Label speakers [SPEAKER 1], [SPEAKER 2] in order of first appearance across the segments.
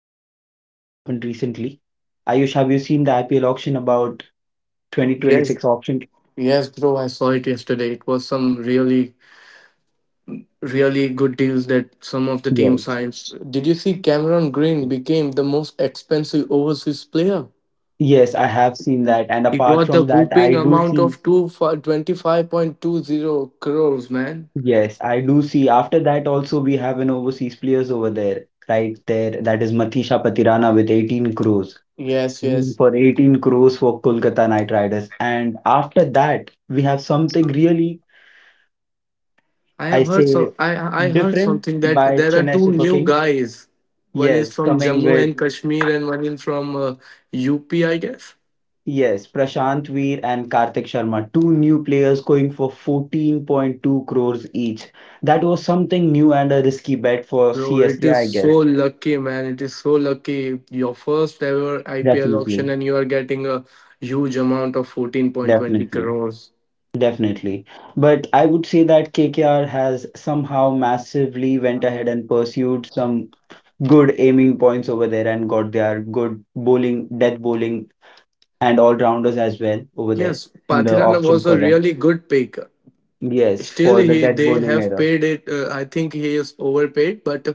[SPEAKER 1] IPL auction that has happened recently. Ayush, have you seen the IPL auction about
[SPEAKER 2] Yes,
[SPEAKER 1] 2026 auction?
[SPEAKER 2] yes, bro, I saw it yesterday. It was some really good deals that some of the team
[SPEAKER 1] Yes.
[SPEAKER 2] signs. Did you see Cameron Green became the most expensive overseas player?
[SPEAKER 1] Yes, I have seen that. And
[SPEAKER 2] He
[SPEAKER 1] apart
[SPEAKER 2] got the
[SPEAKER 1] from that,
[SPEAKER 2] whooping amount of 25.20 crores, man.
[SPEAKER 1] I do see. After that, also, we have an overseas players over there, right there. That is Matisha Patirana with 18 crores,
[SPEAKER 2] Yes,
[SPEAKER 1] ruled
[SPEAKER 2] yes.
[SPEAKER 1] for 18 crores for Kolkata Knight Riders. And after that, we have something really,
[SPEAKER 2] I
[SPEAKER 1] I
[SPEAKER 2] have heard
[SPEAKER 1] say,
[SPEAKER 2] some. I heard
[SPEAKER 1] different
[SPEAKER 2] something that
[SPEAKER 1] by
[SPEAKER 2] there are
[SPEAKER 1] Chennai
[SPEAKER 2] two
[SPEAKER 1] Super
[SPEAKER 2] new
[SPEAKER 1] Kings.
[SPEAKER 2] guys. One is
[SPEAKER 1] Yes,
[SPEAKER 2] from
[SPEAKER 1] coming
[SPEAKER 2] Jammu
[SPEAKER 1] with,
[SPEAKER 2] and Kashmir, and one is from UP, I guess.
[SPEAKER 1] yes, Prashant Veer and Karthik Sharma, two new players going for 14.2 crores each. That was something new and a risky bet for
[SPEAKER 2] Bro,
[SPEAKER 1] C S
[SPEAKER 2] it
[SPEAKER 1] K
[SPEAKER 2] is
[SPEAKER 1] I
[SPEAKER 2] so
[SPEAKER 1] guess.
[SPEAKER 2] lucky, man. It is so lucky. Your first ever IPL auction,
[SPEAKER 1] Definitely,
[SPEAKER 2] and you are getting a huge amount of 14.20
[SPEAKER 1] definitely.
[SPEAKER 2] crores.
[SPEAKER 1] Definitely. But I would say that KKR has somehow massively went ahead and pursued some good aiming points over there and got their good bowling, death bowling, and all rounders as well over there,
[SPEAKER 2] Yes,
[SPEAKER 1] the
[SPEAKER 2] Pathirana
[SPEAKER 1] option
[SPEAKER 2] was
[SPEAKER 1] for
[SPEAKER 2] a
[SPEAKER 1] them.
[SPEAKER 2] really good pick.
[SPEAKER 1] Yes,
[SPEAKER 2] Still,
[SPEAKER 1] for the
[SPEAKER 2] he
[SPEAKER 1] death
[SPEAKER 2] they
[SPEAKER 1] bowling
[SPEAKER 2] have
[SPEAKER 1] era.
[SPEAKER 2] paid it. I think he is overpaid, but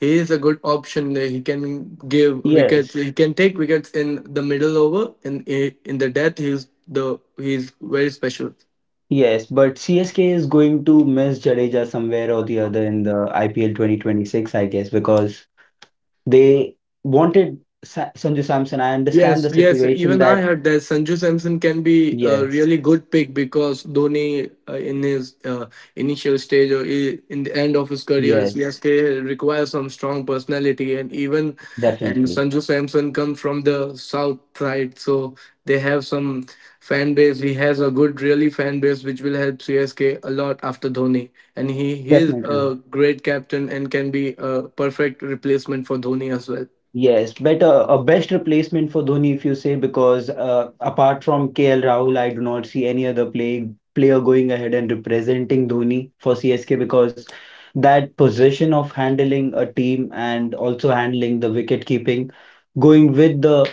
[SPEAKER 2] he is a good option. That he can give wickets.
[SPEAKER 1] Yes,
[SPEAKER 2] He can take wickets in the middle over, and in the death, he's the he's very special.
[SPEAKER 1] yes, but CSK is going to miss Jadeja somewhere or the other in the IPL 2026, I guess, because they wanted Sa Sanju Samson. I understand
[SPEAKER 2] Yes,
[SPEAKER 1] the
[SPEAKER 2] yes.
[SPEAKER 1] situation
[SPEAKER 2] Even I
[SPEAKER 1] that,
[SPEAKER 2] heard that Sanju Samson can be a
[SPEAKER 1] yes,
[SPEAKER 2] really good pick because Dhoni, in his initial stage or in the end of his career,
[SPEAKER 1] yes,
[SPEAKER 2] CSK requires some strong personality, and even and
[SPEAKER 1] definitely,
[SPEAKER 2] Sanju Samson comes from the south side, so they have some fan base. He has a good, really fan base, which will help CSK a lot after Dhoni, and he is
[SPEAKER 1] definitely.
[SPEAKER 2] a great captain and can be a perfect replacement for Dhoni as well.
[SPEAKER 1] Yes, better a best replacement for Dhoni if you say because apart from KL Rahul, I do not see any other player going ahead and representing Dhoni for CSK because that position of handling a team and also handling the wicket keeping, going with the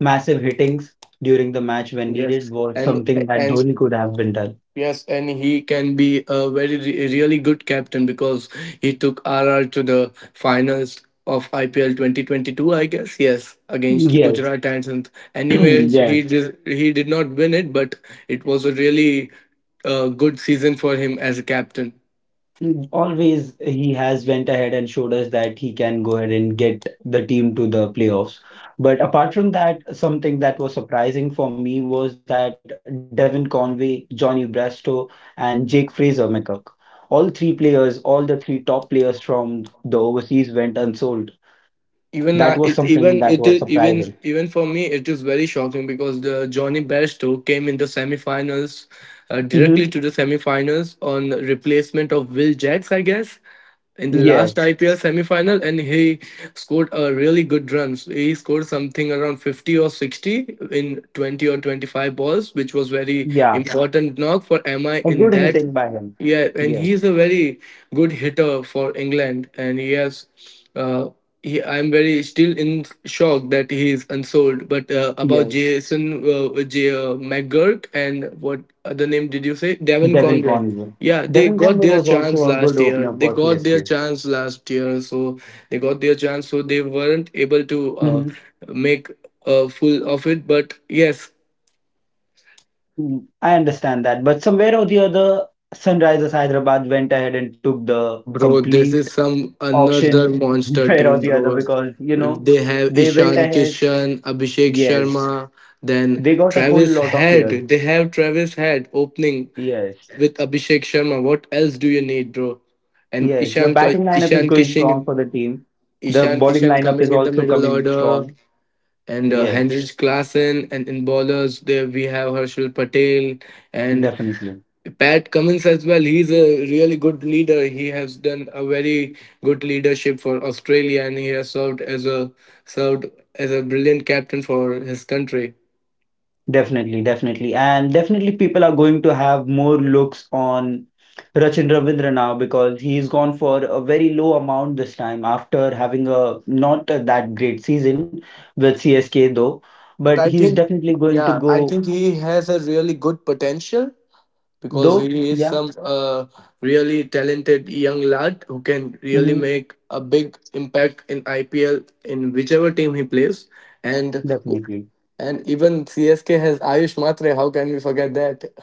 [SPEAKER 1] massive hittings during the match when
[SPEAKER 2] Yes,
[SPEAKER 1] needed was something that
[SPEAKER 2] and
[SPEAKER 1] Dhoni could have been done.
[SPEAKER 2] Yes, and he can be a really good captain because he took RR to the finals of IPL 2022, I guess. Yes, against
[SPEAKER 1] Yes,
[SPEAKER 2] Gujarat Titans. Anyways,
[SPEAKER 1] Yes.
[SPEAKER 2] he did not win it, but it was a really good season for him as a captain.
[SPEAKER 1] Always he has went ahead and showed us that he can go ahead and get the team to the playoffs. But apart from that, something that was surprising for me was that Devin Conway, Johnny Brasco, and Jake Fraser McCook, all three players, all the three top players from the overseas went unsold. That
[SPEAKER 2] Even
[SPEAKER 1] was
[SPEAKER 2] I, it
[SPEAKER 1] something
[SPEAKER 2] even
[SPEAKER 1] that was
[SPEAKER 2] it is
[SPEAKER 1] surprising.
[SPEAKER 2] even even for me it is very shocking because the Johnny Bairstow came in the semifinals
[SPEAKER 1] hmm
[SPEAKER 2] directly to the semifinals on replacement of Will Jacks, I guess, in the last
[SPEAKER 1] Yes.
[SPEAKER 2] IPL semifinal, and he scored a really good run. So he scored something around 50 or 60 in 20 or 25 balls, which was very
[SPEAKER 1] Yeah.
[SPEAKER 2] important knock for MI
[SPEAKER 1] A
[SPEAKER 2] in
[SPEAKER 1] good
[SPEAKER 2] that.
[SPEAKER 1] hitting by him.
[SPEAKER 2] Yeah, and he's
[SPEAKER 1] Yes.
[SPEAKER 2] a very good hitter for England, and he has uh, I'm very still in shock that he is unsold. But about
[SPEAKER 1] Yes.
[SPEAKER 2] Jason McGurk, and what other name did you say? Devon
[SPEAKER 1] Devin
[SPEAKER 2] Conway.
[SPEAKER 1] Conway.
[SPEAKER 2] Yeah, they
[SPEAKER 1] Devin
[SPEAKER 2] got
[SPEAKER 1] Conway
[SPEAKER 2] their
[SPEAKER 1] was
[SPEAKER 2] chance
[SPEAKER 1] also a good
[SPEAKER 2] last year.
[SPEAKER 1] opener for CSK.
[SPEAKER 2] So they got their chance. So they weren't able to
[SPEAKER 1] Mhm.
[SPEAKER 2] make full of it. But yes.
[SPEAKER 1] I understand that, but somewhere or the other, Sunrisers Hyderabad went ahead and took the
[SPEAKER 2] Bro, this
[SPEAKER 1] complete
[SPEAKER 2] is some another
[SPEAKER 1] auction,
[SPEAKER 2] monster
[SPEAKER 1] somewhere or
[SPEAKER 2] team,
[SPEAKER 1] the other,
[SPEAKER 2] bro.
[SPEAKER 1] because you know
[SPEAKER 2] They have
[SPEAKER 1] they went
[SPEAKER 2] Ishan
[SPEAKER 1] ahead.
[SPEAKER 2] Kishan, Abhishek
[SPEAKER 1] Yes,
[SPEAKER 2] Sharma, then
[SPEAKER 1] they got a whole
[SPEAKER 2] Travis
[SPEAKER 1] lot of players.
[SPEAKER 2] Head. They have Travis Head opening
[SPEAKER 1] Yes,
[SPEAKER 2] with Abhishek Sharma. What else do you need, bro? And
[SPEAKER 1] yes. The
[SPEAKER 2] Ishan Ka-
[SPEAKER 1] batting lineup is
[SPEAKER 2] Ishan
[SPEAKER 1] going strong
[SPEAKER 2] Kishan
[SPEAKER 1] for the team. The
[SPEAKER 2] Ishan
[SPEAKER 1] bowling
[SPEAKER 2] Kishan
[SPEAKER 1] lineup is
[SPEAKER 2] coming in the
[SPEAKER 1] also
[SPEAKER 2] middle
[SPEAKER 1] coming
[SPEAKER 2] order,
[SPEAKER 1] strong.
[SPEAKER 2] and
[SPEAKER 1] Yes,
[SPEAKER 2] Henrich Klassen, and in bowlers there we have Harshal Patel, and
[SPEAKER 1] definitely.
[SPEAKER 2] Pat Cummins as well. He's a really good leader. He has done a very good leadership for Australia, and he has served as a brilliant captain for his country.
[SPEAKER 1] Definitely. And definitely people are going to have more looks on Sachin Ravindra now because he's gone for a very low amount this time after having a not a that great season with CSK though. But
[SPEAKER 2] But I
[SPEAKER 1] he's
[SPEAKER 2] think,
[SPEAKER 1] definitely going to
[SPEAKER 2] yeah, I
[SPEAKER 1] go
[SPEAKER 2] think he has a really good potential because
[SPEAKER 1] though.
[SPEAKER 2] he is
[SPEAKER 1] Yeah.
[SPEAKER 2] some really talented young lad who can really
[SPEAKER 1] Mm-hmm.
[SPEAKER 2] make a big impact in IPL in whichever team he plays. And
[SPEAKER 1] Definitely.
[SPEAKER 2] And even CSK has Ayush Matre. How can we forget that?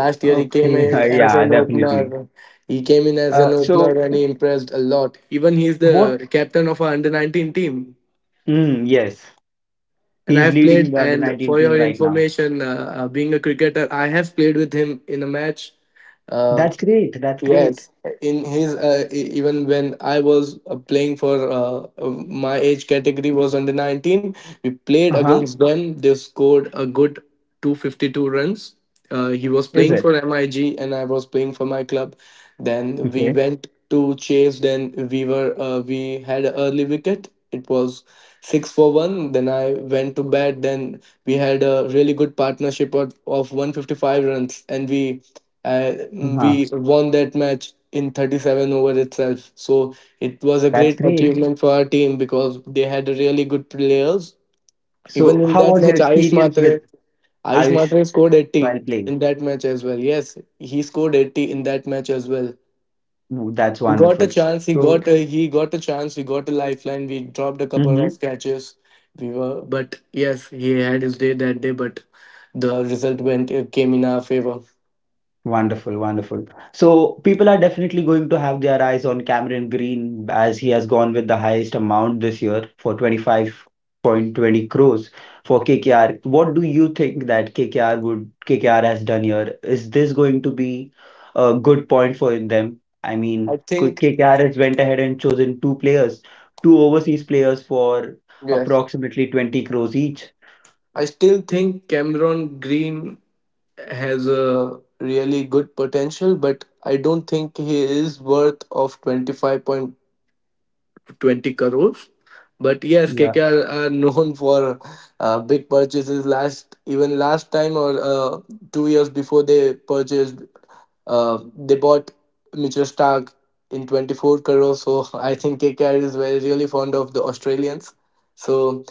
[SPEAKER 2] Last year he
[SPEAKER 1] Okay.
[SPEAKER 2] came in as
[SPEAKER 1] Yeah,
[SPEAKER 2] an
[SPEAKER 1] definitely.
[SPEAKER 2] opener. He came in as an opener
[SPEAKER 1] So
[SPEAKER 2] and he impressed a lot. Even he's
[SPEAKER 1] what?
[SPEAKER 2] the captain of our under 19 team.
[SPEAKER 1] Yes.
[SPEAKER 2] And I
[SPEAKER 1] He's
[SPEAKER 2] have
[SPEAKER 1] leading
[SPEAKER 2] played,
[SPEAKER 1] the under
[SPEAKER 2] and
[SPEAKER 1] 19
[SPEAKER 2] for
[SPEAKER 1] team
[SPEAKER 2] your
[SPEAKER 1] right now.
[SPEAKER 2] information, being a cricketer, I have played with him in a match. Uh,
[SPEAKER 1] That's great.
[SPEAKER 2] Yes, in his even when I was playing for my age category was under 19, we played
[SPEAKER 1] Uh-huh.
[SPEAKER 2] against them. They scored a good 252 runs. He was
[SPEAKER 1] Is
[SPEAKER 2] playing for
[SPEAKER 1] it?
[SPEAKER 2] MIG and I was playing for my club. Then we
[SPEAKER 1] Okay.
[SPEAKER 2] went to chase. Then we had an early wicket. It was six for one. Then I went to bat. Then we had a really good partnership of 155 runs, and
[SPEAKER 1] Uh-huh.
[SPEAKER 2] we won that match in 37 over itself, so it was a
[SPEAKER 1] That's
[SPEAKER 2] great
[SPEAKER 1] great.
[SPEAKER 2] achievement for our team because they had really good players even
[SPEAKER 1] So,
[SPEAKER 2] in
[SPEAKER 1] how
[SPEAKER 2] that
[SPEAKER 1] was your
[SPEAKER 2] match.
[SPEAKER 1] experience with
[SPEAKER 2] Ayush
[SPEAKER 1] Ayush
[SPEAKER 2] Matre scored 80
[SPEAKER 1] while playing?
[SPEAKER 2] in that match as well. Yes, he scored 80 in that match as well.
[SPEAKER 1] Ooh, that's wonderful.
[SPEAKER 2] He
[SPEAKER 1] So,
[SPEAKER 2] he got a chance. We got a lifeline. We dropped a couple
[SPEAKER 1] mhm.
[SPEAKER 2] of catches. We were but Yes, he had his day that day, but the result went came in our favor.
[SPEAKER 1] Wonderful. So people are definitely going to have their eyes on Cameron Green as he has gone with the highest amount this year for 25.20 crores for KKR. What do you think that KKR has done here? Is this going to be a good point for them? I mean,
[SPEAKER 2] I think
[SPEAKER 1] KKR has went ahead and chosen two players, two overseas players for
[SPEAKER 2] yes,
[SPEAKER 1] approximately 20 crores each.
[SPEAKER 2] I still think Cameron Green has a really good potential, but I don't think he is worth of 25.20 crores. But yes,
[SPEAKER 1] Yeah,
[SPEAKER 2] KKR are known for big purchases last, even last time or 2 years before they bought Mitchell Stark in 24 crores. So I think KKR is very really fond of the Australians. So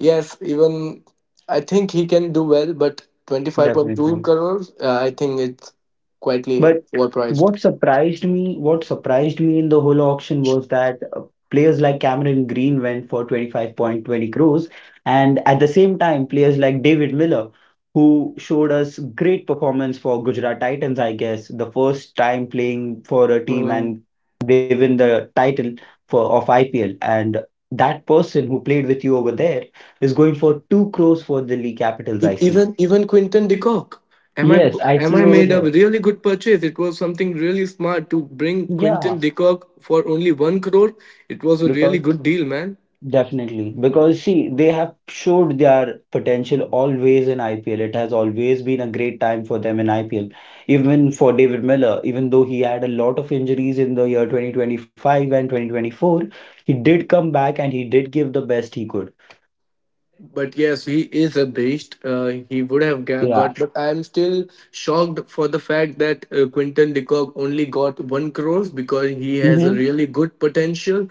[SPEAKER 2] yes, even I think he can do well, but 25.2
[SPEAKER 1] definitely.
[SPEAKER 2] crores, I think it's quietly
[SPEAKER 1] But
[SPEAKER 2] overpriced.
[SPEAKER 1] what surprised me in the whole auction was that players like Cameron Green went for 25.20 crores, and at the same time, players like David Miller, who showed us great performance for Gujarat Titans, I guess, the first time playing for a team
[SPEAKER 2] Hmm.
[SPEAKER 1] and they win the title for of IPL. And that person who played with you over there is going for two crores for the Delhi Capitals,
[SPEAKER 2] E-
[SPEAKER 1] I
[SPEAKER 2] Even
[SPEAKER 1] see.
[SPEAKER 2] even Quinton de Kock. Am I
[SPEAKER 1] Yes, I
[SPEAKER 2] am I
[SPEAKER 1] see over
[SPEAKER 2] made a
[SPEAKER 1] there.
[SPEAKER 2] really good purchase? It was something really smart to bring Quinton
[SPEAKER 1] Yeah,
[SPEAKER 2] de Kock for only one crore. It was a really
[SPEAKER 1] because,
[SPEAKER 2] good deal, man.
[SPEAKER 1] Definitely, because see, they have showed their potential always in IPL. It has always been a great time for them in IPL. Even for David Miller, even though he had a lot of injuries in the year 2025 and 2024, he did come back and he did give the best he could.
[SPEAKER 2] But yes, he is a beast. He would have
[SPEAKER 1] Yeah.
[SPEAKER 2] got, but I am still shocked for the fact that Quinton de Kock only got one crore because he has a
[SPEAKER 1] Mm-hmm.
[SPEAKER 2] really good potential.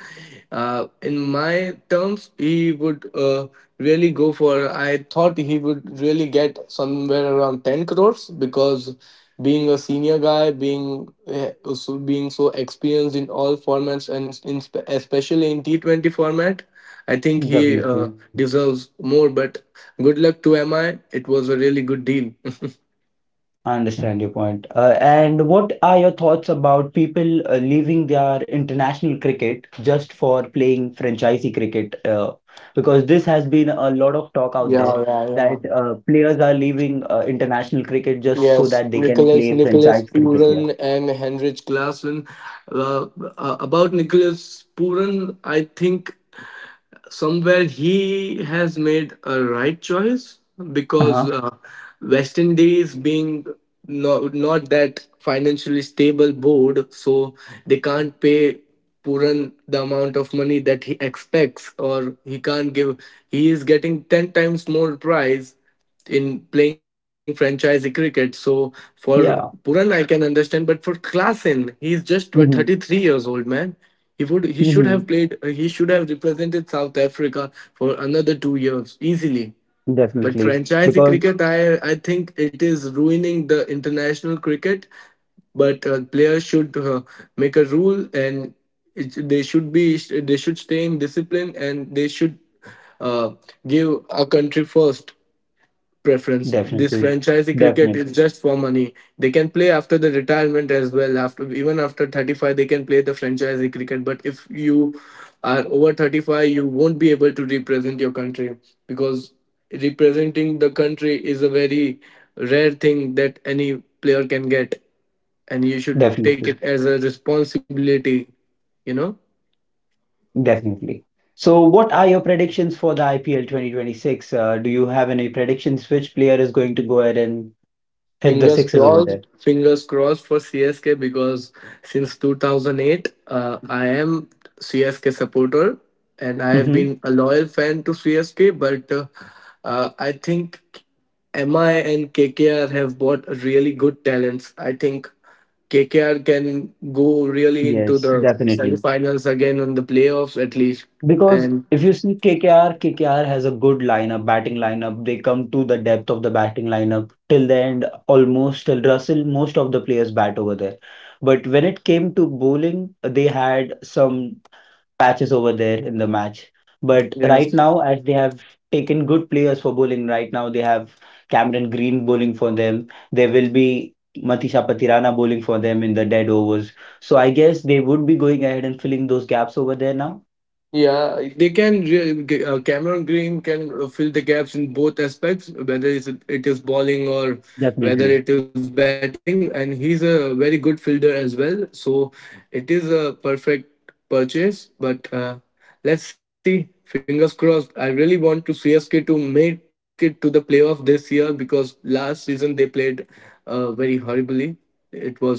[SPEAKER 2] In my terms, he would really go for. I thought he would really get somewhere around 10 crores because being a senior guy, being so experienced in all formats and especially in T 20 format. I think he
[SPEAKER 1] Definitely.
[SPEAKER 2] deserves more, but good luck to MI. It was a really good deal.
[SPEAKER 1] I understand your point. And what are your thoughts about people leaving their international cricket just for playing franchisee cricket? Because this has been a lot of talk out there
[SPEAKER 2] Yeah, yeah, yeah.
[SPEAKER 1] that players are leaving international cricket just so
[SPEAKER 2] Yes,
[SPEAKER 1] that they can play
[SPEAKER 2] Nicholas
[SPEAKER 1] franchise cricket here.
[SPEAKER 2] Puran and Henrik Klassen. Uh, about Nicholas Puran, I think somewhere he has made a right choice because
[SPEAKER 1] Uh-huh.
[SPEAKER 2] West Indies being not that financially stable board, so they can't pay Puran the amount of money that he expects, or he can't give. He is getting 10 times more price in playing franchise cricket. So for Puran, I
[SPEAKER 1] Yeah.
[SPEAKER 2] can understand, but for Klassen, he's just what, 33
[SPEAKER 1] hmm
[SPEAKER 2] years old, man. He should have
[SPEAKER 1] hmm
[SPEAKER 2] played. He should have represented South Africa for another 2 years easily. But
[SPEAKER 1] Definitely.
[SPEAKER 2] franchise
[SPEAKER 1] Because
[SPEAKER 2] cricket, I think it is ruining the international cricket. But players should make a rule, and they should stay in discipline, and they should uh, give our country first preference. This
[SPEAKER 1] definitely,
[SPEAKER 2] franchise cricket is
[SPEAKER 1] definitely,
[SPEAKER 2] just for money. They can play after the retirement as well. After Even after 35, they can play the franchise cricket. But if you are over 35, you won't be able to represent your country because representing the country is a very rare thing that any player can get, and you should take it
[SPEAKER 1] definitely.
[SPEAKER 2] as a responsibility. You know.
[SPEAKER 1] Definitely. So, what are your predictions for the IPL 2026? Do you have any predictions which player is going to go ahead and hit the sixes over there?
[SPEAKER 2] Fingers crossed for CSK because since 2008, I am CSK supporter and I have
[SPEAKER 1] Mm-hmm.
[SPEAKER 2] been a loyal fan to CSK. But I think MI and KKR have bought really good talents. I think KKR can go really into
[SPEAKER 1] Yes,
[SPEAKER 2] the
[SPEAKER 1] definitely.
[SPEAKER 2] semifinals again on the playoffs at least.
[SPEAKER 1] Because
[SPEAKER 2] And
[SPEAKER 1] if you see KKR, has a good lineup, batting lineup. They come to the depth of the batting lineup till the end, almost till Russell, most of the players bat over there. But when it came to bowling, they had some patches over there in the match. But right
[SPEAKER 2] yes.
[SPEAKER 1] now, as they have taken good players for bowling, right now they have Cameron Green bowling for them. There will be Matisha Patirana bowling for them in the dead overs. So I guess they would be going ahead and filling those gaps over there now.
[SPEAKER 2] Yeah, they can. Cameron Green can fill the gaps in both aspects, whether it is bowling or whether it
[SPEAKER 1] Definitely.
[SPEAKER 2] is batting, and he's a very good fielder as well. So it is a perfect purchase. But let's see. Fingers crossed. I really want to CSK to make it to the playoff this year because last season they played very horribly. It was
[SPEAKER 1] hmm
[SPEAKER 2] not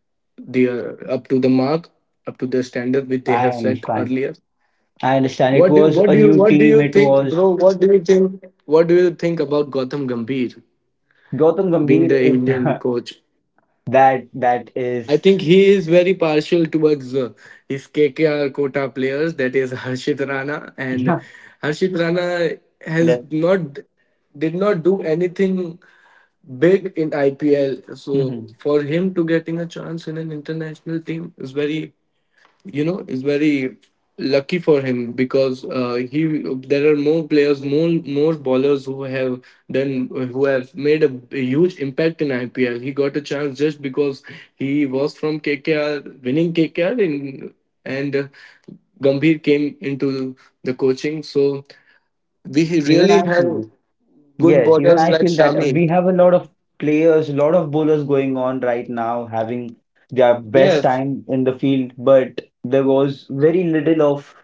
[SPEAKER 2] the up to the mark, up to the standard which
[SPEAKER 1] I
[SPEAKER 2] they have
[SPEAKER 1] understand.
[SPEAKER 2] set earlier.
[SPEAKER 1] I understand. It was a new
[SPEAKER 2] What
[SPEAKER 1] team.
[SPEAKER 2] do
[SPEAKER 1] It
[SPEAKER 2] you
[SPEAKER 1] was
[SPEAKER 2] think, bro? What do you think? What do you think about Gautam Gambhir
[SPEAKER 1] Gautam Gambhir.
[SPEAKER 2] being the
[SPEAKER 1] It
[SPEAKER 2] Indian coach?
[SPEAKER 1] That is
[SPEAKER 2] I think he is very partial towards his KKR quota players. That is Harshit Rana,
[SPEAKER 1] yeah.
[SPEAKER 2] and Harshit Rana
[SPEAKER 1] That,
[SPEAKER 2] has not did not do anything big in IPL.
[SPEAKER 1] Mhm.
[SPEAKER 2] So for him to getting a chance in an international team is very, you know, is very lucky for him because he there are more bowlers who have done who have made a huge impact in IPL. He got a chance just because he was from KKR winning KKR in and Gambhir came into the coaching, so we
[SPEAKER 1] Even I
[SPEAKER 2] really have
[SPEAKER 1] feel
[SPEAKER 2] good
[SPEAKER 1] Yes, even I
[SPEAKER 2] bowlers like
[SPEAKER 1] feel that
[SPEAKER 2] Shami.
[SPEAKER 1] we have a lot of players, a lot of bowlers going on right now, having their best
[SPEAKER 2] Yes.
[SPEAKER 1] time in the field, but there was very little of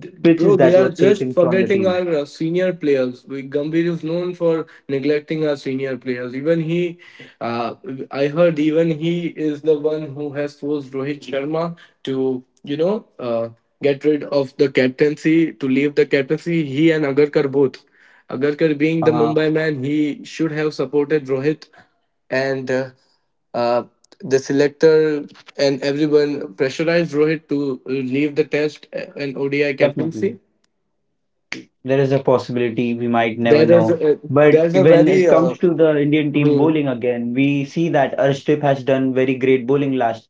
[SPEAKER 2] Bro,
[SPEAKER 1] pitches
[SPEAKER 2] they
[SPEAKER 1] that
[SPEAKER 2] are
[SPEAKER 1] was
[SPEAKER 2] just
[SPEAKER 1] taken from the
[SPEAKER 2] forgetting our
[SPEAKER 1] team.
[SPEAKER 2] senior players. We Gambhir is known for neglecting our senior players. Uh, I heard even he is the one who has forced Rohit Sharma to get rid of the captaincy, to leave the captaincy. He and Agarkar both. Agarkar being the
[SPEAKER 1] Uh-huh,
[SPEAKER 2] Mumbai man, he should have supported Rohit and uh, the selector and everyone pressurized Rohit to leave the test and ODI
[SPEAKER 1] definitely.
[SPEAKER 2] captaincy.
[SPEAKER 1] There is a possibility we might never
[SPEAKER 2] There is
[SPEAKER 1] know.
[SPEAKER 2] a,
[SPEAKER 1] But
[SPEAKER 2] there's a
[SPEAKER 1] when it
[SPEAKER 2] very
[SPEAKER 1] comes to the Indian team
[SPEAKER 2] hmm,
[SPEAKER 1] bowling again, we see that Arshdeep has done very great bowling last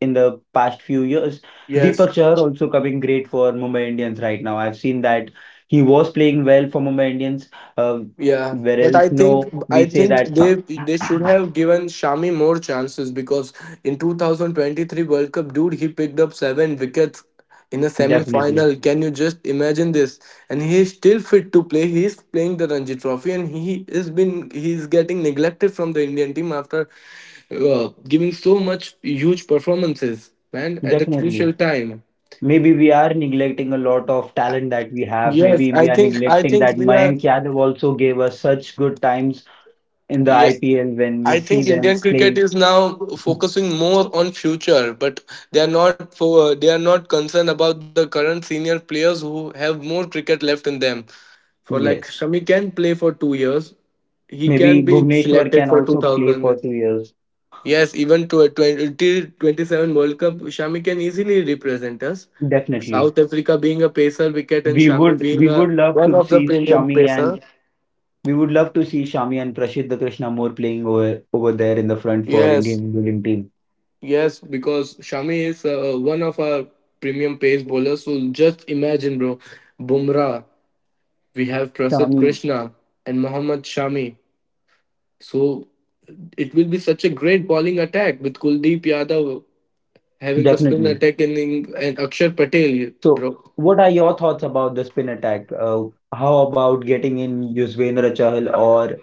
[SPEAKER 1] in the past few years.
[SPEAKER 2] Yes.
[SPEAKER 1] Deepak Chahar also coming great for Mumbai Indians right now. I've seen that he was playing well for Mumbai Indians. Uh,
[SPEAKER 2] Yeah, but
[SPEAKER 1] whereas
[SPEAKER 2] I think
[SPEAKER 1] no,
[SPEAKER 2] I
[SPEAKER 1] we say
[SPEAKER 2] think
[SPEAKER 1] that
[SPEAKER 2] they should have given Shami more chances because in 2023 World Cup, dude, he picked up seven wickets in a
[SPEAKER 1] definitely,
[SPEAKER 2] semi-final. Can you just imagine this? And he is still fit to play. He is playing the Ranji Trophy, and he is getting neglected from the Indian team after giving so much huge performances, man, at the
[SPEAKER 1] definitely.
[SPEAKER 2] crucial time.
[SPEAKER 1] Maybe we are neglecting a lot of talent that we have.
[SPEAKER 2] Yes,
[SPEAKER 1] Maybe
[SPEAKER 2] I
[SPEAKER 1] we are
[SPEAKER 2] think I
[SPEAKER 1] neglecting
[SPEAKER 2] think
[SPEAKER 1] that
[SPEAKER 2] we are.
[SPEAKER 1] Mayank Yadav also gave us such good times in the
[SPEAKER 2] Yes,
[SPEAKER 1] IPL when we
[SPEAKER 2] I
[SPEAKER 1] see
[SPEAKER 2] think
[SPEAKER 1] them
[SPEAKER 2] Indian cricket
[SPEAKER 1] playing.
[SPEAKER 2] is now focusing more on future, but they are not concerned about the current senior players who have more cricket left in them. For like
[SPEAKER 1] Yes,
[SPEAKER 2] Shami can play for 2 years, he can
[SPEAKER 1] maybe
[SPEAKER 2] be
[SPEAKER 1] Bhuvneshwar
[SPEAKER 2] selected
[SPEAKER 1] can
[SPEAKER 2] for two
[SPEAKER 1] also play for
[SPEAKER 2] thousand.
[SPEAKER 1] 2 years.
[SPEAKER 2] Yes, even to a 2027 World Cup, Shami can easily represent us.
[SPEAKER 1] Definitely,
[SPEAKER 2] South Africa being a pacer wicket and
[SPEAKER 1] we
[SPEAKER 2] Shami
[SPEAKER 1] would
[SPEAKER 2] being
[SPEAKER 1] we would
[SPEAKER 2] a
[SPEAKER 1] love
[SPEAKER 2] one
[SPEAKER 1] to
[SPEAKER 2] of the
[SPEAKER 1] see
[SPEAKER 2] premium
[SPEAKER 1] Shami
[SPEAKER 2] pacer.
[SPEAKER 1] and we would love to see Shami and Prashid Krishna more playing over there in the front for
[SPEAKER 2] Yes.
[SPEAKER 1] Indian bowling team.
[SPEAKER 2] Yes, because Shami is one of our premium pace bowlers. So just imagine, bro, Bumrah, we have Prasad
[SPEAKER 1] Shami,
[SPEAKER 2] Krishna and Mohammad Shami. So it will be such a great bowling attack with Kuldeep Yadav having the spin
[SPEAKER 1] definitely.
[SPEAKER 2] attack, and Akshar Patel,
[SPEAKER 1] So,
[SPEAKER 2] bro.
[SPEAKER 1] what are your thoughts about the spin attack? How about getting in Yuzvendra Chahal or?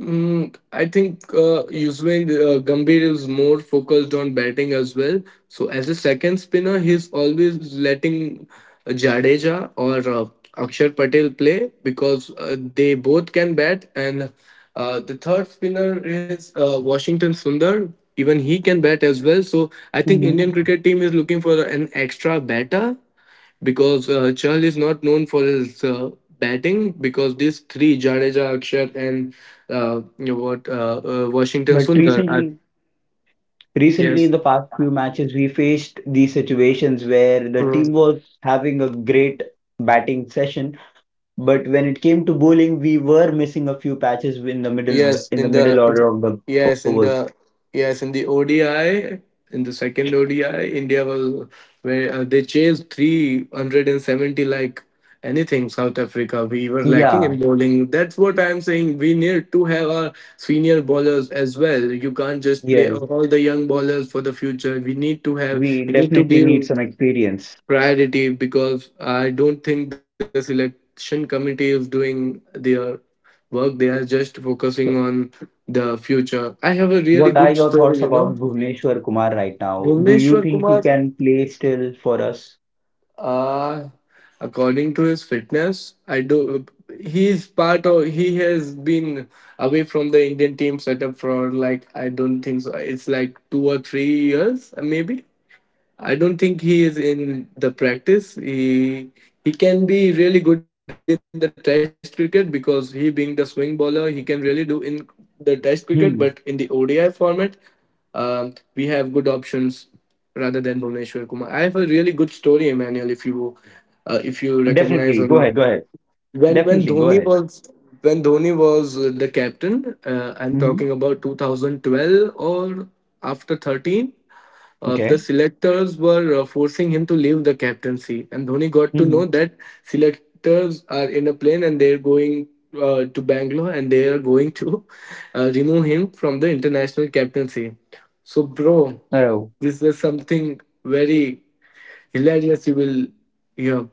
[SPEAKER 2] Mm, I think Yuzve Gambhir is more focused on batting as well. So as a second spinner, he's always letting Jadeja or Akshar Patel play because they both can bat. And the third spinner is Washington Sundar. Even he can bat as well. So I think Indian
[SPEAKER 1] Mhm.
[SPEAKER 2] cricket team is looking for an extra batter because Chahal is not known for his batting because these three Jadeja, Akshat, and you know what Washington
[SPEAKER 1] But
[SPEAKER 2] Sundar are.
[SPEAKER 1] recently in the
[SPEAKER 2] Yes.
[SPEAKER 1] past few matches we faced these situations where the team was having a great batting session, but when it came to bowling we were missing a few patches in the middle,
[SPEAKER 2] Yes,
[SPEAKER 1] in the
[SPEAKER 2] in
[SPEAKER 1] middle
[SPEAKER 2] the in,
[SPEAKER 1] order of the
[SPEAKER 2] yes, in
[SPEAKER 1] overs.
[SPEAKER 2] the, yes, in the ODI, in the second ODI India will, where they chased 370 like anything. South Africa, we were lacking
[SPEAKER 1] Yeah,
[SPEAKER 2] in bowling. That's what I'm saying, we need to have our senior bowlers as well. You can't just play
[SPEAKER 1] yes,
[SPEAKER 2] all the young bowlers for the future. we need to have
[SPEAKER 1] we
[SPEAKER 2] we need to
[SPEAKER 1] definitely need
[SPEAKER 2] give
[SPEAKER 1] some experience.
[SPEAKER 2] priority because I don't think the selection committee is doing their work. They are just focusing
[SPEAKER 1] So,
[SPEAKER 2] on the future. I have a really
[SPEAKER 1] what
[SPEAKER 2] good
[SPEAKER 1] are your
[SPEAKER 2] story, you
[SPEAKER 1] thoughts
[SPEAKER 2] know.
[SPEAKER 1] about Bhuvneshwar Kumar right now? Do you
[SPEAKER 2] Bhuvneshwar
[SPEAKER 1] think he
[SPEAKER 2] Kumar,
[SPEAKER 1] can play still for us?
[SPEAKER 2] uh, according to his fitness, I do. He is part of. He has been away from the Indian team setup for like I don't think so. It's like 2 or 3 years, maybe. I don't think he is in the practice. He can be really good in the Test cricket because he being the swing bowler, he can really do in the Test cricket. But in the
[SPEAKER 1] Hmm.
[SPEAKER 2] ODI format, we have good options rather than Bhuvneshwar Kumar. I have a really good story, Emmanuel. If you recognize or
[SPEAKER 1] definitely
[SPEAKER 2] not,
[SPEAKER 1] go ahead Go ahead.
[SPEAKER 2] when when
[SPEAKER 1] Definitely
[SPEAKER 2] Dhoni
[SPEAKER 1] go ahead.
[SPEAKER 2] was when Dhoni was the captain, I'm talking
[SPEAKER 1] hmm
[SPEAKER 2] about 2012 or after 13. The
[SPEAKER 1] okay
[SPEAKER 2] selectors were forcing him to leave the captaincy, and Dhoni got to know
[SPEAKER 1] hmm
[SPEAKER 2] that selectors are in a plane and they're going to Bangalore and they are going to remove him from the international captaincy. So, bro,
[SPEAKER 1] oh
[SPEAKER 2] this is something very hilarious. You will hear.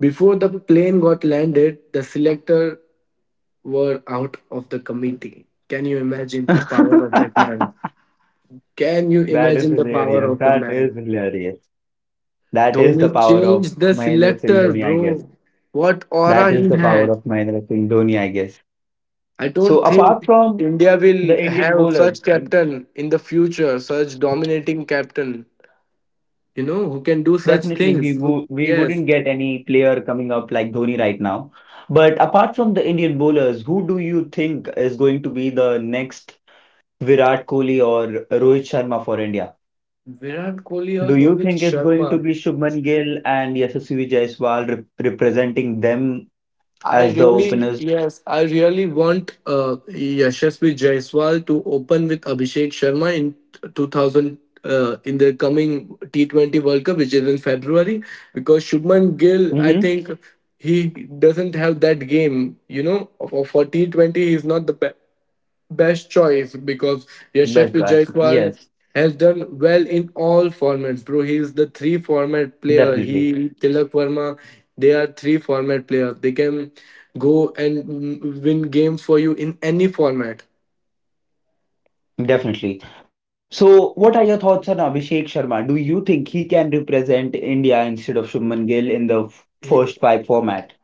[SPEAKER 2] Before the plane got landed, the selectors were out of the committee. Can you imagine the power of that man? Can you imagine the power of the
[SPEAKER 1] That
[SPEAKER 2] man?
[SPEAKER 1] is hilarious. That is the
[SPEAKER 2] Dhoni
[SPEAKER 1] power of
[SPEAKER 2] changed the
[SPEAKER 1] Mahendra Singh
[SPEAKER 2] selector,
[SPEAKER 1] Dhoni, I guess.
[SPEAKER 2] bro. What aura
[SPEAKER 1] That is
[SPEAKER 2] he
[SPEAKER 1] the power
[SPEAKER 2] had.
[SPEAKER 1] of Mahendra Singh Dhoni, I guess.
[SPEAKER 2] I don't
[SPEAKER 1] So apart
[SPEAKER 2] think
[SPEAKER 1] from
[SPEAKER 2] India
[SPEAKER 1] the
[SPEAKER 2] will
[SPEAKER 1] Indian
[SPEAKER 2] have
[SPEAKER 1] bowlers,
[SPEAKER 2] such captain in the future, such dominating captain. You know, who can
[SPEAKER 1] definitely
[SPEAKER 2] do such
[SPEAKER 1] we
[SPEAKER 2] things. Who,
[SPEAKER 1] wouldn't get any
[SPEAKER 2] yes.
[SPEAKER 1] player coming up like Dhoni right now. But apart from the Indian bowlers, who do you think is going to be the next Virat Kohli or Rohit Sharma for India?
[SPEAKER 2] Virat Kohli or
[SPEAKER 1] Do you
[SPEAKER 2] Rohit
[SPEAKER 1] think it's going to
[SPEAKER 2] Sharma.
[SPEAKER 1] be Shubman Gill and Yashasvi Jaiswal representing them
[SPEAKER 2] I
[SPEAKER 1] as the
[SPEAKER 2] really,
[SPEAKER 1] openers?
[SPEAKER 2] yes, I really want Yashasvi Jaiswal to open with Abhishek Sharma in 2000, in the coming T20 World Cup, which is in February, because Shubman Gill, I
[SPEAKER 1] Mm-hmm.
[SPEAKER 2] think he doesn't have that game. For T20, he's not the best choice because
[SPEAKER 1] Best
[SPEAKER 2] Yashasvi
[SPEAKER 1] batch.
[SPEAKER 2] Jaiswal
[SPEAKER 1] Yes,
[SPEAKER 2] has done well in all formats, bro. He is the three format player. He
[SPEAKER 1] definitely.
[SPEAKER 2] Tilak Verma, they are three format players. They can go and win games for you in any format.
[SPEAKER 1] Definitely. So, what are your thoughts on Abhishek Sharma? Do you think he can represent India instead of Shubman Gill in the first five format?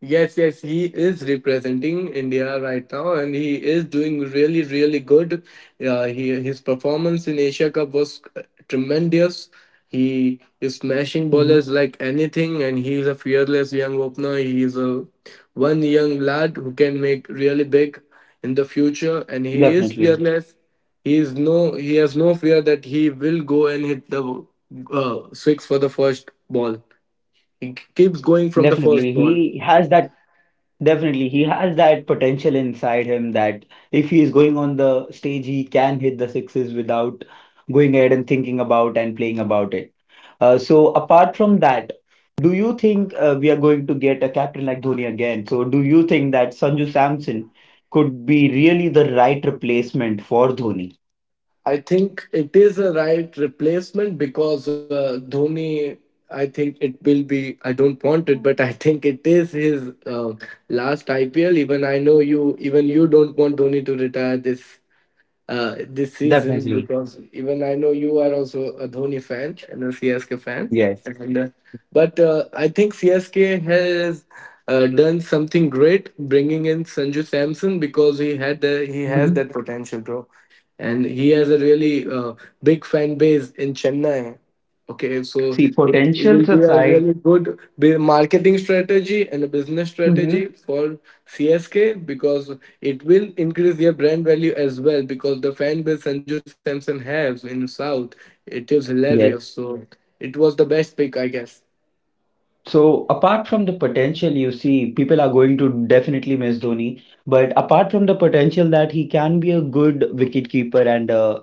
[SPEAKER 2] Yes, yes, he is representing India right now, and he is doing really, really good. He His performance in Asia Cup was tremendous. He is smashing bowlers
[SPEAKER 1] hmm
[SPEAKER 2] like anything, and he is a fearless young opener. He is a one young lad who can make really big in the future, and he is
[SPEAKER 1] Definitely.
[SPEAKER 2] fearless. He is no, he has no fear that he will go and hit the six for the first ball. He keeps going from the first
[SPEAKER 1] Definitely.
[SPEAKER 2] ball.
[SPEAKER 1] He has that, definitely, he has that potential inside him that if he is going on the stage, he can hit the sixes without going ahead and thinking about and playing about it. So, apart from that, do you think we are going to get a captain like Dhoni again? So do you think that Sanju Samson could be really the right replacement for Dhoni?
[SPEAKER 2] I think it is a right replacement because Dhoni. I think it will be. I don't want it, but I think it is his last IPL. Even I know you. Even you don't want Dhoni to retire this this season
[SPEAKER 1] Definitely.
[SPEAKER 2] because even I know you are also a Dhoni fan and a CSK fan.
[SPEAKER 1] Yes.
[SPEAKER 2] And, uh, but I think CSK has done something great bringing in Sanju Samson because he has
[SPEAKER 1] Mhm.
[SPEAKER 2] that potential, bro. And he has a really big fan base in Chennai. Okay, so
[SPEAKER 1] See,
[SPEAKER 2] it will
[SPEAKER 1] potentials
[SPEAKER 2] be a
[SPEAKER 1] aside,
[SPEAKER 2] really good marketing strategy and a business
[SPEAKER 1] Mhm.
[SPEAKER 2] strategy for CSK because it will increase their brand value as well, because the fan base Sanju Samson has in South, it is hilarious.
[SPEAKER 1] Yes.
[SPEAKER 2] So it was the best pick, I guess.
[SPEAKER 1] So apart from the potential, you see, people are going to definitely miss Dhoni. But apart from the potential that he can be a good wicketkeeper and a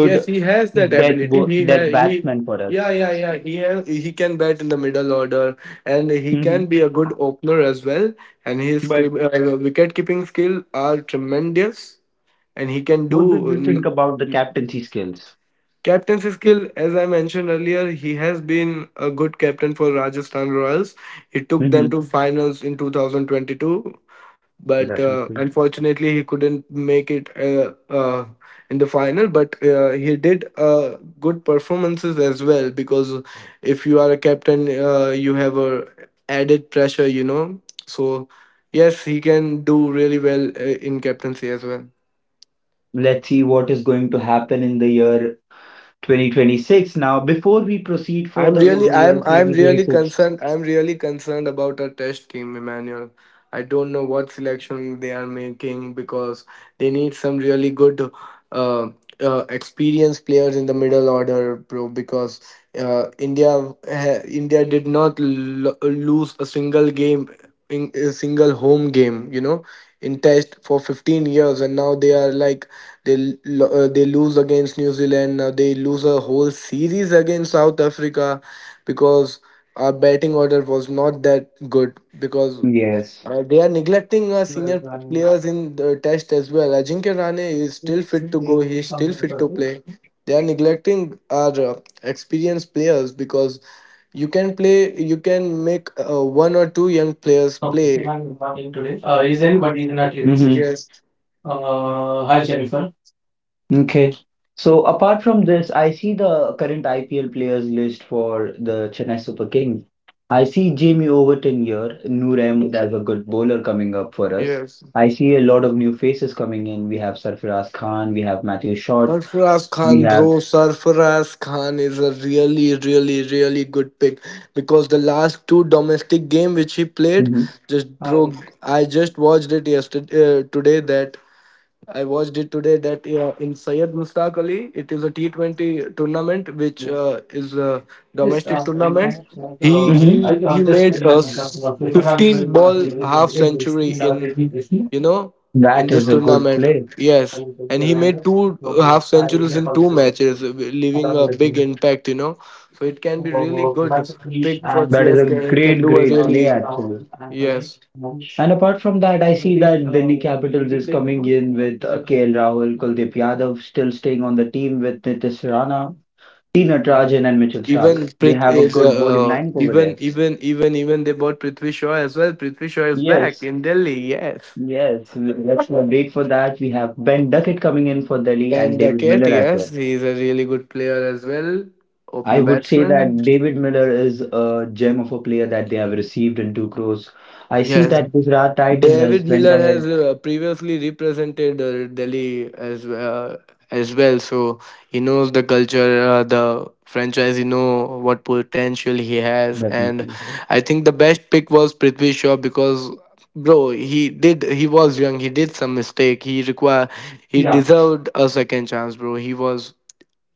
[SPEAKER 2] Yes, he has that
[SPEAKER 1] death
[SPEAKER 2] ability.
[SPEAKER 1] bo
[SPEAKER 2] He
[SPEAKER 1] death
[SPEAKER 2] has he
[SPEAKER 1] batsman for us.
[SPEAKER 2] Yeah, yeah, yeah. He has, he can bat in the middle order, and he can
[SPEAKER 1] Mhm.
[SPEAKER 2] be a good opener as well. And his
[SPEAKER 1] But
[SPEAKER 2] wicket keeping skill are tremendous, and he can
[SPEAKER 1] what do you
[SPEAKER 2] do.
[SPEAKER 1] think about the captaincy skills?
[SPEAKER 2] Captaincy skill, as I mentioned earlier, he has been a good captain for Rajasthan Royals. He took them
[SPEAKER 1] Mm-hmm.
[SPEAKER 2] to finals in 2022, but
[SPEAKER 1] Definitely.
[SPEAKER 2] unfortunately, he couldn't make it in the final. But he did good performances as well because if you are a captain, you have a added pressure. So yes, he can do really well in captaincy as well.
[SPEAKER 1] Let's see what is going to happen in the year 2026. Now, before we proceed
[SPEAKER 2] I'm
[SPEAKER 1] further with
[SPEAKER 2] really,
[SPEAKER 1] the year
[SPEAKER 2] I'm, I'm really
[SPEAKER 1] 2026,
[SPEAKER 2] concerned. I'm really concerned about our test team, Emmanuel. I don't know what selection they are making because they need some really good uh, experienced players in the middle order, bro. Because India did not lose a single game, in a single home game, in Test for 15 years, and now they are like they lose against New Zealand. Now they lose a whole series against South Africa because our batting order was not that good because
[SPEAKER 1] Yes.
[SPEAKER 2] they are neglecting senior
[SPEAKER 1] I
[SPEAKER 2] players in the test as well. Ajinkya Rane is still fit to go. He's still fit to play. They are neglecting our experienced players because you can play. You can make one or two young players play.
[SPEAKER 1] today? Is anybody in our Mhm. team?
[SPEAKER 2] Yes.
[SPEAKER 1] Hi Jennifer. Okay. So apart from this, I see the current IPL players list for the Chennai Super Kings. I see Jamie Overton here, Noor Ahmed as a good bowler coming up for us.
[SPEAKER 2] Yes.
[SPEAKER 1] I see a lot of new faces coming in. We have Sarfaraz Khan, we have Matthew Short,
[SPEAKER 2] Sarfaraz
[SPEAKER 1] we
[SPEAKER 2] Khan, bro,
[SPEAKER 1] have.
[SPEAKER 2] Sarfaraz Khan is a really, really, really good pick because the last two domestic game which he played,
[SPEAKER 1] Mhm.
[SPEAKER 2] just bro,
[SPEAKER 1] I
[SPEAKER 2] I just watched it yesterday, today that I watched it today that in Syed Mustaq Ali, it is a T20 tournament which is a
[SPEAKER 1] yes,
[SPEAKER 2] domestic
[SPEAKER 1] in
[SPEAKER 2] tournament.
[SPEAKER 1] thanks,
[SPEAKER 2] He
[SPEAKER 1] Mhm.
[SPEAKER 2] he
[SPEAKER 1] I
[SPEAKER 2] he
[SPEAKER 1] just
[SPEAKER 2] made
[SPEAKER 1] to give
[SPEAKER 2] a
[SPEAKER 1] an of Veteran will
[SPEAKER 2] 15
[SPEAKER 1] not
[SPEAKER 2] ball
[SPEAKER 1] be able to
[SPEAKER 2] half
[SPEAKER 1] get this
[SPEAKER 2] century
[SPEAKER 1] in our
[SPEAKER 2] in
[SPEAKER 1] education.
[SPEAKER 2] you know in
[SPEAKER 1] That
[SPEAKER 2] this
[SPEAKER 1] is a good
[SPEAKER 2] tournament.
[SPEAKER 1] play. I
[SPEAKER 2] Yes,
[SPEAKER 1] will
[SPEAKER 2] and
[SPEAKER 1] be
[SPEAKER 2] he
[SPEAKER 1] aligned,
[SPEAKER 2] made two half
[SPEAKER 1] so I will
[SPEAKER 2] centuries
[SPEAKER 1] be a
[SPEAKER 2] in two
[SPEAKER 1] positive.
[SPEAKER 2] matches, leaving a
[SPEAKER 1] That
[SPEAKER 2] big impact. So it can be really good
[SPEAKER 1] is
[SPEAKER 2] pick
[SPEAKER 1] a
[SPEAKER 2] for CSK. He can
[SPEAKER 1] great,
[SPEAKER 2] do a
[SPEAKER 1] great play
[SPEAKER 2] really,
[SPEAKER 1] actually.
[SPEAKER 2] yes.
[SPEAKER 1] And apart from that, I see that Delhi Capitals is coming in with KL Rahul, Kuldeep Yadav still staying on the team with Nitish Rana, T Natarajan, and Mitchell Stark. They have a good bowling lineup over
[SPEAKER 2] Even
[SPEAKER 1] there.
[SPEAKER 2] even even even they bought Prithvi Shaw as well. Prithvi Shaw is back
[SPEAKER 1] Yes,
[SPEAKER 2] in Delhi. Yes,
[SPEAKER 1] yes. Let's not wait for that. We have Ben Duckett coming in for Delhi and
[SPEAKER 2] and
[SPEAKER 1] David
[SPEAKER 2] Duckett.
[SPEAKER 1] Miller as
[SPEAKER 2] Yes,
[SPEAKER 1] well.
[SPEAKER 2] he's a really good player as well.
[SPEAKER 1] I
[SPEAKER 2] Opener
[SPEAKER 1] would say
[SPEAKER 2] batsman.
[SPEAKER 1] that David Miller is a gem of a player that they have received in 2 crores. I see
[SPEAKER 2] Yes,
[SPEAKER 1] that Gujarat Titans has
[SPEAKER 2] David
[SPEAKER 1] went
[SPEAKER 2] Miller has
[SPEAKER 1] ahead
[SPEAKER 2] previously represented Delhi as well, so he knows the culture, the franchise. He know what potential he has, and
[SPEAKER 1] definitely.
[SPEAKER 2] I think the best pick was Prithvi Shaw because, bro, he was young, he did some mistake, he
[SPEAKER 1] Yeah,
[SPEAKER 2] deserved a second chance, bro. He was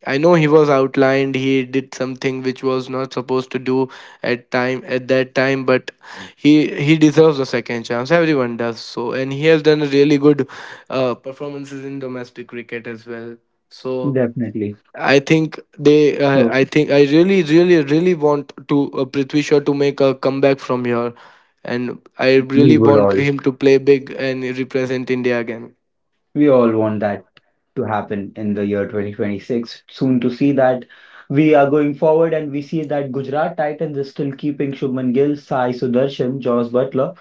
[SPEAKER 2] I know he was outlined. He did something which was not supposed to do at that time, but he deserves a second chance. Everyone does so, and he has done really good performances in domestic cricket as well. So
[SPEAKER 1] definitely.
[SPEAKER 2] I think they. Uh,
[SPEAKER 1] So
[SPEAKER 2] I think I really, really, really want to Prithvi Shaw to make a comeback from here, and I
[SPEAKER 1] we
[SPEAKER 2] really
[SPEAKER 1] would
[SPEAKER 2] want
[SPEAKER 1] all
[SPEAKER 2] him to play big and represent India again.
[SPEAKER 1] we all want that to happen in the year 2026. Soon to see that we are going forward and we see that Gujarat Titans is still keeping Shubman Gill, Sai Sudarshan, Josh Butler,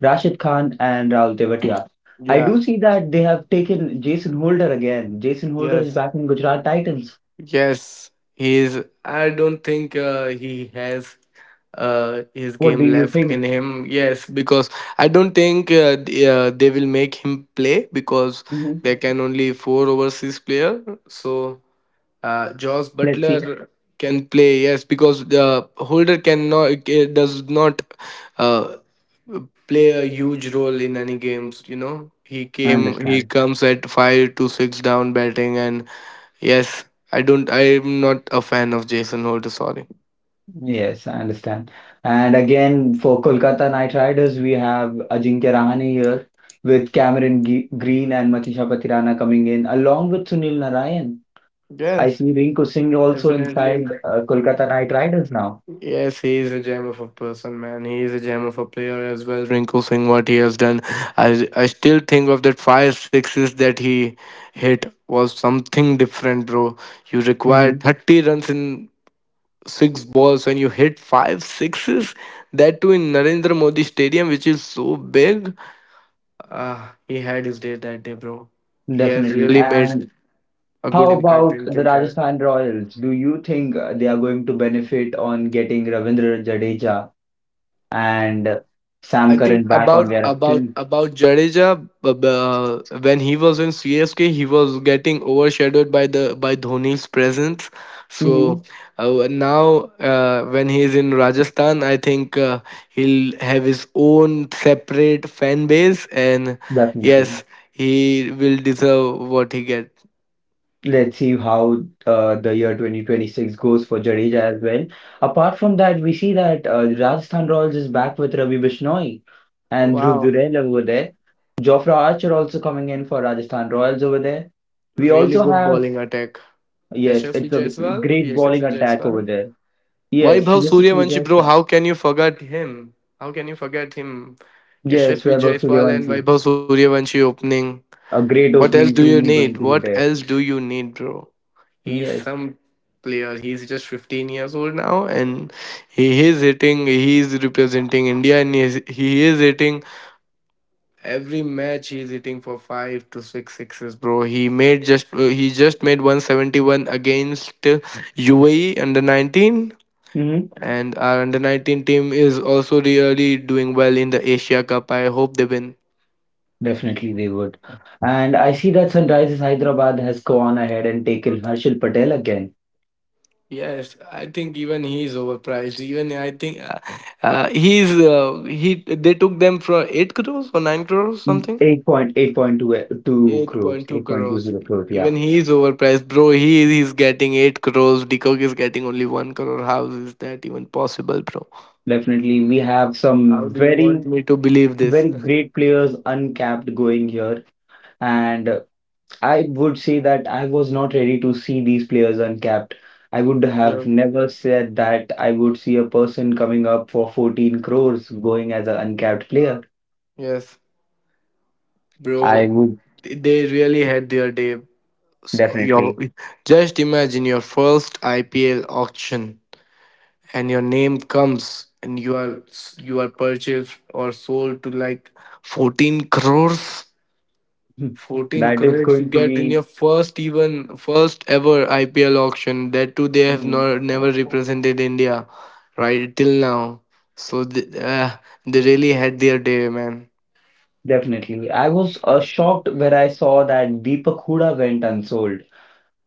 [SPEAKER 1] Rashid Khan and Rahul Tewatia. I
[SPEAKER 2] Yeah.
[SPEAKER 1] do see that they have taken Jason Holder again. Jason Holder is
[SPEAKER 2] Yes.
[SPEAKER 1] back in Gujarat Titans.
[SPEAKER 2] Yes, he is. I don't think he has his
[SPEAKER 1] What
[SPEAKER 2] game
[SPEAKER 1] do you
[SPEAKER 2] left in
[SPEAKER 1] think?
[SPEAKER 2] him. Yes, because I don't think they will make him play because
[SPEAKER 1] Mhm.
[SPEAKER 2] there can only four overseas player. So Joss
[SPEAKER 1] Let's see.
[SPEAKER 2] Butler can play. Yes, because the holder cannot, it does not uh, play a huge role in any games. He
[SPEAKER 1] I
[SPEAKER 2] came. He
[SPEAKER 1] understand.
[SPEAKER 2] comes at five to six down batting and yes, I don't. I'm not a fan of Jason Holder. Sorry.
[SPEAKER 1] Yes, I understand. And again, for Kolkata Knight Riders, we have Ajinkya Rahane here with Cameron G Green and Matisha Patirana coming in, along with Sunil Narayan. I
[SPEAKER 2] Yes,
[SPEAKER 1] see Rinku Singh also
[SPEAKER 2] definitely.
[SPEAKER 1] inside Kolkata Knight Riders now.
[SPEAKER 2] Yes, he is a gem of a person, man. He is a gem of a player as well. Rinku Singh, what he has done, I still think of that five sixes that he hit was something different, bro. You require
[SPEAKER 1] Mhm.
[SPEAKER 2] 30 runs in six balls when you hit five sixes. That too in Narendra Modi Stadium, which is so big. Ah, he had his day that day, bro. He has
[SPEAKER 1] Definitely.
[SPEAKER 2] really made
[SPEAKER 1] And
[SPEAKER 2] a
[SPEAKER 1] how
[SPEAKER 2] good impact.
[SPEAKER 1] about
[SPEAKER 2] He'll
[SPEAKER 1] the
[SPEAKER 2] take care.
[SPEAKER 1] Rajasthan Royals? Do you think they are going to benefit on getting Ravindra Jadeja and
[SPEAKER 2] I
[SPEAKER 1] Sam
[SPEAKER 2] think
[SPEAKER 1] Curran back
[SPEAKER 2] about
[SPEAKER 1] on their
[SPEAKER 2] about
[SPEAKER 1] team?
[SPEAKER 2] about Jadeja, b- b- uh, when he was in CSK he was getting overshadowed by the by Dhoni's presence. So
[SPEAKER 1] Hmm.
[SPEAKER 2] now when he is in Rajasthan, I think he'll have his own separate fan base, and
[SPEAKER 1] Definitely.
[SPEAKER 2] yes, he will deserve what he gets.
[SPEAKER 1] Let's see how the year 2026 goes for Jadeja as well. Apart from that, we see that Rajasthan Royals is back with Ravi Bishnoi and Dhruv
[SPEAKER 2] Wow,
[SPEAKER 1] Jurel over there. Jofra Archer also coming in for Rajasthan Royals over there. We
[SPEAKER 2] really
[SPEAKER 1] also
[SPEAKER 2] good
[SPEAKER 1] have,
[SPEAKER 2] bowling attack.
[SPEAKER 1] yes,
[SPEAKER 2] Yashasvi
[SPEAKER 1] it's a
[SPEAKER 2] Jaiswal,
[SPEAKER 1] great bowling
[SPEAKER 2] Yashasvi
[SPEAKER 1] attack over
[SPEAKER 2] Jaiswal.
[SPEAKER 1] there. Yes,
[SPEAKER 2] Vaibhav
[SPEAKER 1] yes, it will,
[SPEAKER 2] Suryavanshi,
[SPEAKER 1] yes,
[SPEAKER 2] bro,
[SPEAKER 1] sir.
[SPEAKER 2] how can you forget him? How can you forget him?
[SPEAKER 1] Yes, we
[SPEAKER 2] Yashasvi
[SPEAKER 1] are about to be
[SPEAKER 2] Jaiswal and Vaibhav Suryavanshi opening.
[SPEAKER 1] a great
[SPEAKER 2] What else do
[SPEAKER 1] opening
[SPEAKER 2] you
[SPEAKER 1] team is
[SPEAKER 2] need?
[SPEAKER 1] going to be
[SPEAKER 2] What
[SPEAKER 1] there.
[SPEAKER 2] else do you need, bro? He's
[SPEAKER 1] Yes,
[SPEAKER 2] some player. He's just 15 years old now, and he is representing India, and he is hitting every match, he is hitting for 5 to 6 sixes, bro. He just made 171 against UAE under 19,
[SPEAKER 1] mm-hmm.
[SPEAKER 2] and our under 19 team is also really doing well in the Asia Cup. I hope they win.
[SPEAKER 1] Definitely they would. And I see that Sunrisers Hyderabad has gone ahead and taken Harshil Patel again.
[SPEAKER 2] Yes, I think even he is overpriced. Even I think he's he they took them for 8 crores or 9 crores something.
[SPEAKER 1] 8 point, 8.2 eh, 2 crores,
[SPEAKER 2] 8.2 crores.
[SPEAKER 1] 8.20 crores, yeah.
[SPEAKER 2] Even he is overpriced, bro. He is getting 8 crores. Decock is getting only 1 crore. How is that even possible, bro?
[SPEAKER 1] Definitely, we have
[SPEAKER 2] How
[SPEAKER 1] some
[SPEAKER 2] do you want
[SPEAKER 1] very,
[SPEAKER 2] me to believe this?
[SPEAKER 1] very great players uncapped going here. And I would say that I was not ready to see these players uncapped. I would
[SPEAKER 2] Yeah.
[SPEAKER 1] have never said that I would see a person coming up for 14 crores going as an uncapped player.
[SPEAKER 2] Yes, bro.
[SPEAKER 1] I would
[SPEAKER 2] They really had their day. So your
[SPEAKER 1] definitely.
[SPEAKER 2] just imagine your first IPL auction and your name comes and you are purchased or sold to like 14 crores,
[SPEAKER 1] Hmm.
[SPEAKER 2] 14
[SPEAKER 1] That is
[SPEAKER 2] crores you
[SPEAKER 1] going to
[SPEAKER 2] get in
[SPEAKER 1] be
[SPEAKER 2] your first, even first ever IPL auction, that too they have
[SPEAKER 1] mm,
[SPEAKER 2] not never represented India right till now, so they really had their day, man.
[SPEAKER 1] definitely. I was shocked when I saw that Deepak Hooda went unsold.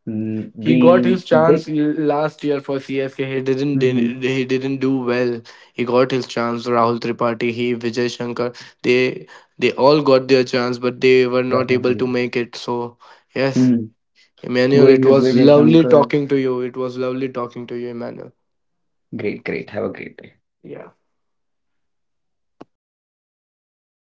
[SPEAKER 1] Mm,
[SPEAKER 2] He got
[SPEAKER 1] we
[SPEAKER 2] his
[SPEAKER 1] did.
[SPEAKER 2] chance last year for CSK. He didn't
[SPEAKER 1] Mhm,
[SPEAKER 2] did- he didn't do well. He got his chance. Rahul Tripathi, he Vijay Shankar, they they all got their chance, but they were not able
[SPEAKER 1] definitely.
[SPEAKER 2] to make it. So yes,
[SPEAKER 1] Mm,
[SPEAKER 2] Emmanuel,
[SPEAKER 1] going
[SPEAKER 2] it
[SPEAKER 1] with
[SPEAKER 2] was
[SPEAKER 1] Vijay
[SPEAKER 2] lovely
[SPEAKER 1] Shankar.
[SPEAKER 2] talking to you. It was lovely talking to you, Emmanuel.
[SPEAKER 1] Great, great. Have a great day.
[SPEAKER 2] Yeah.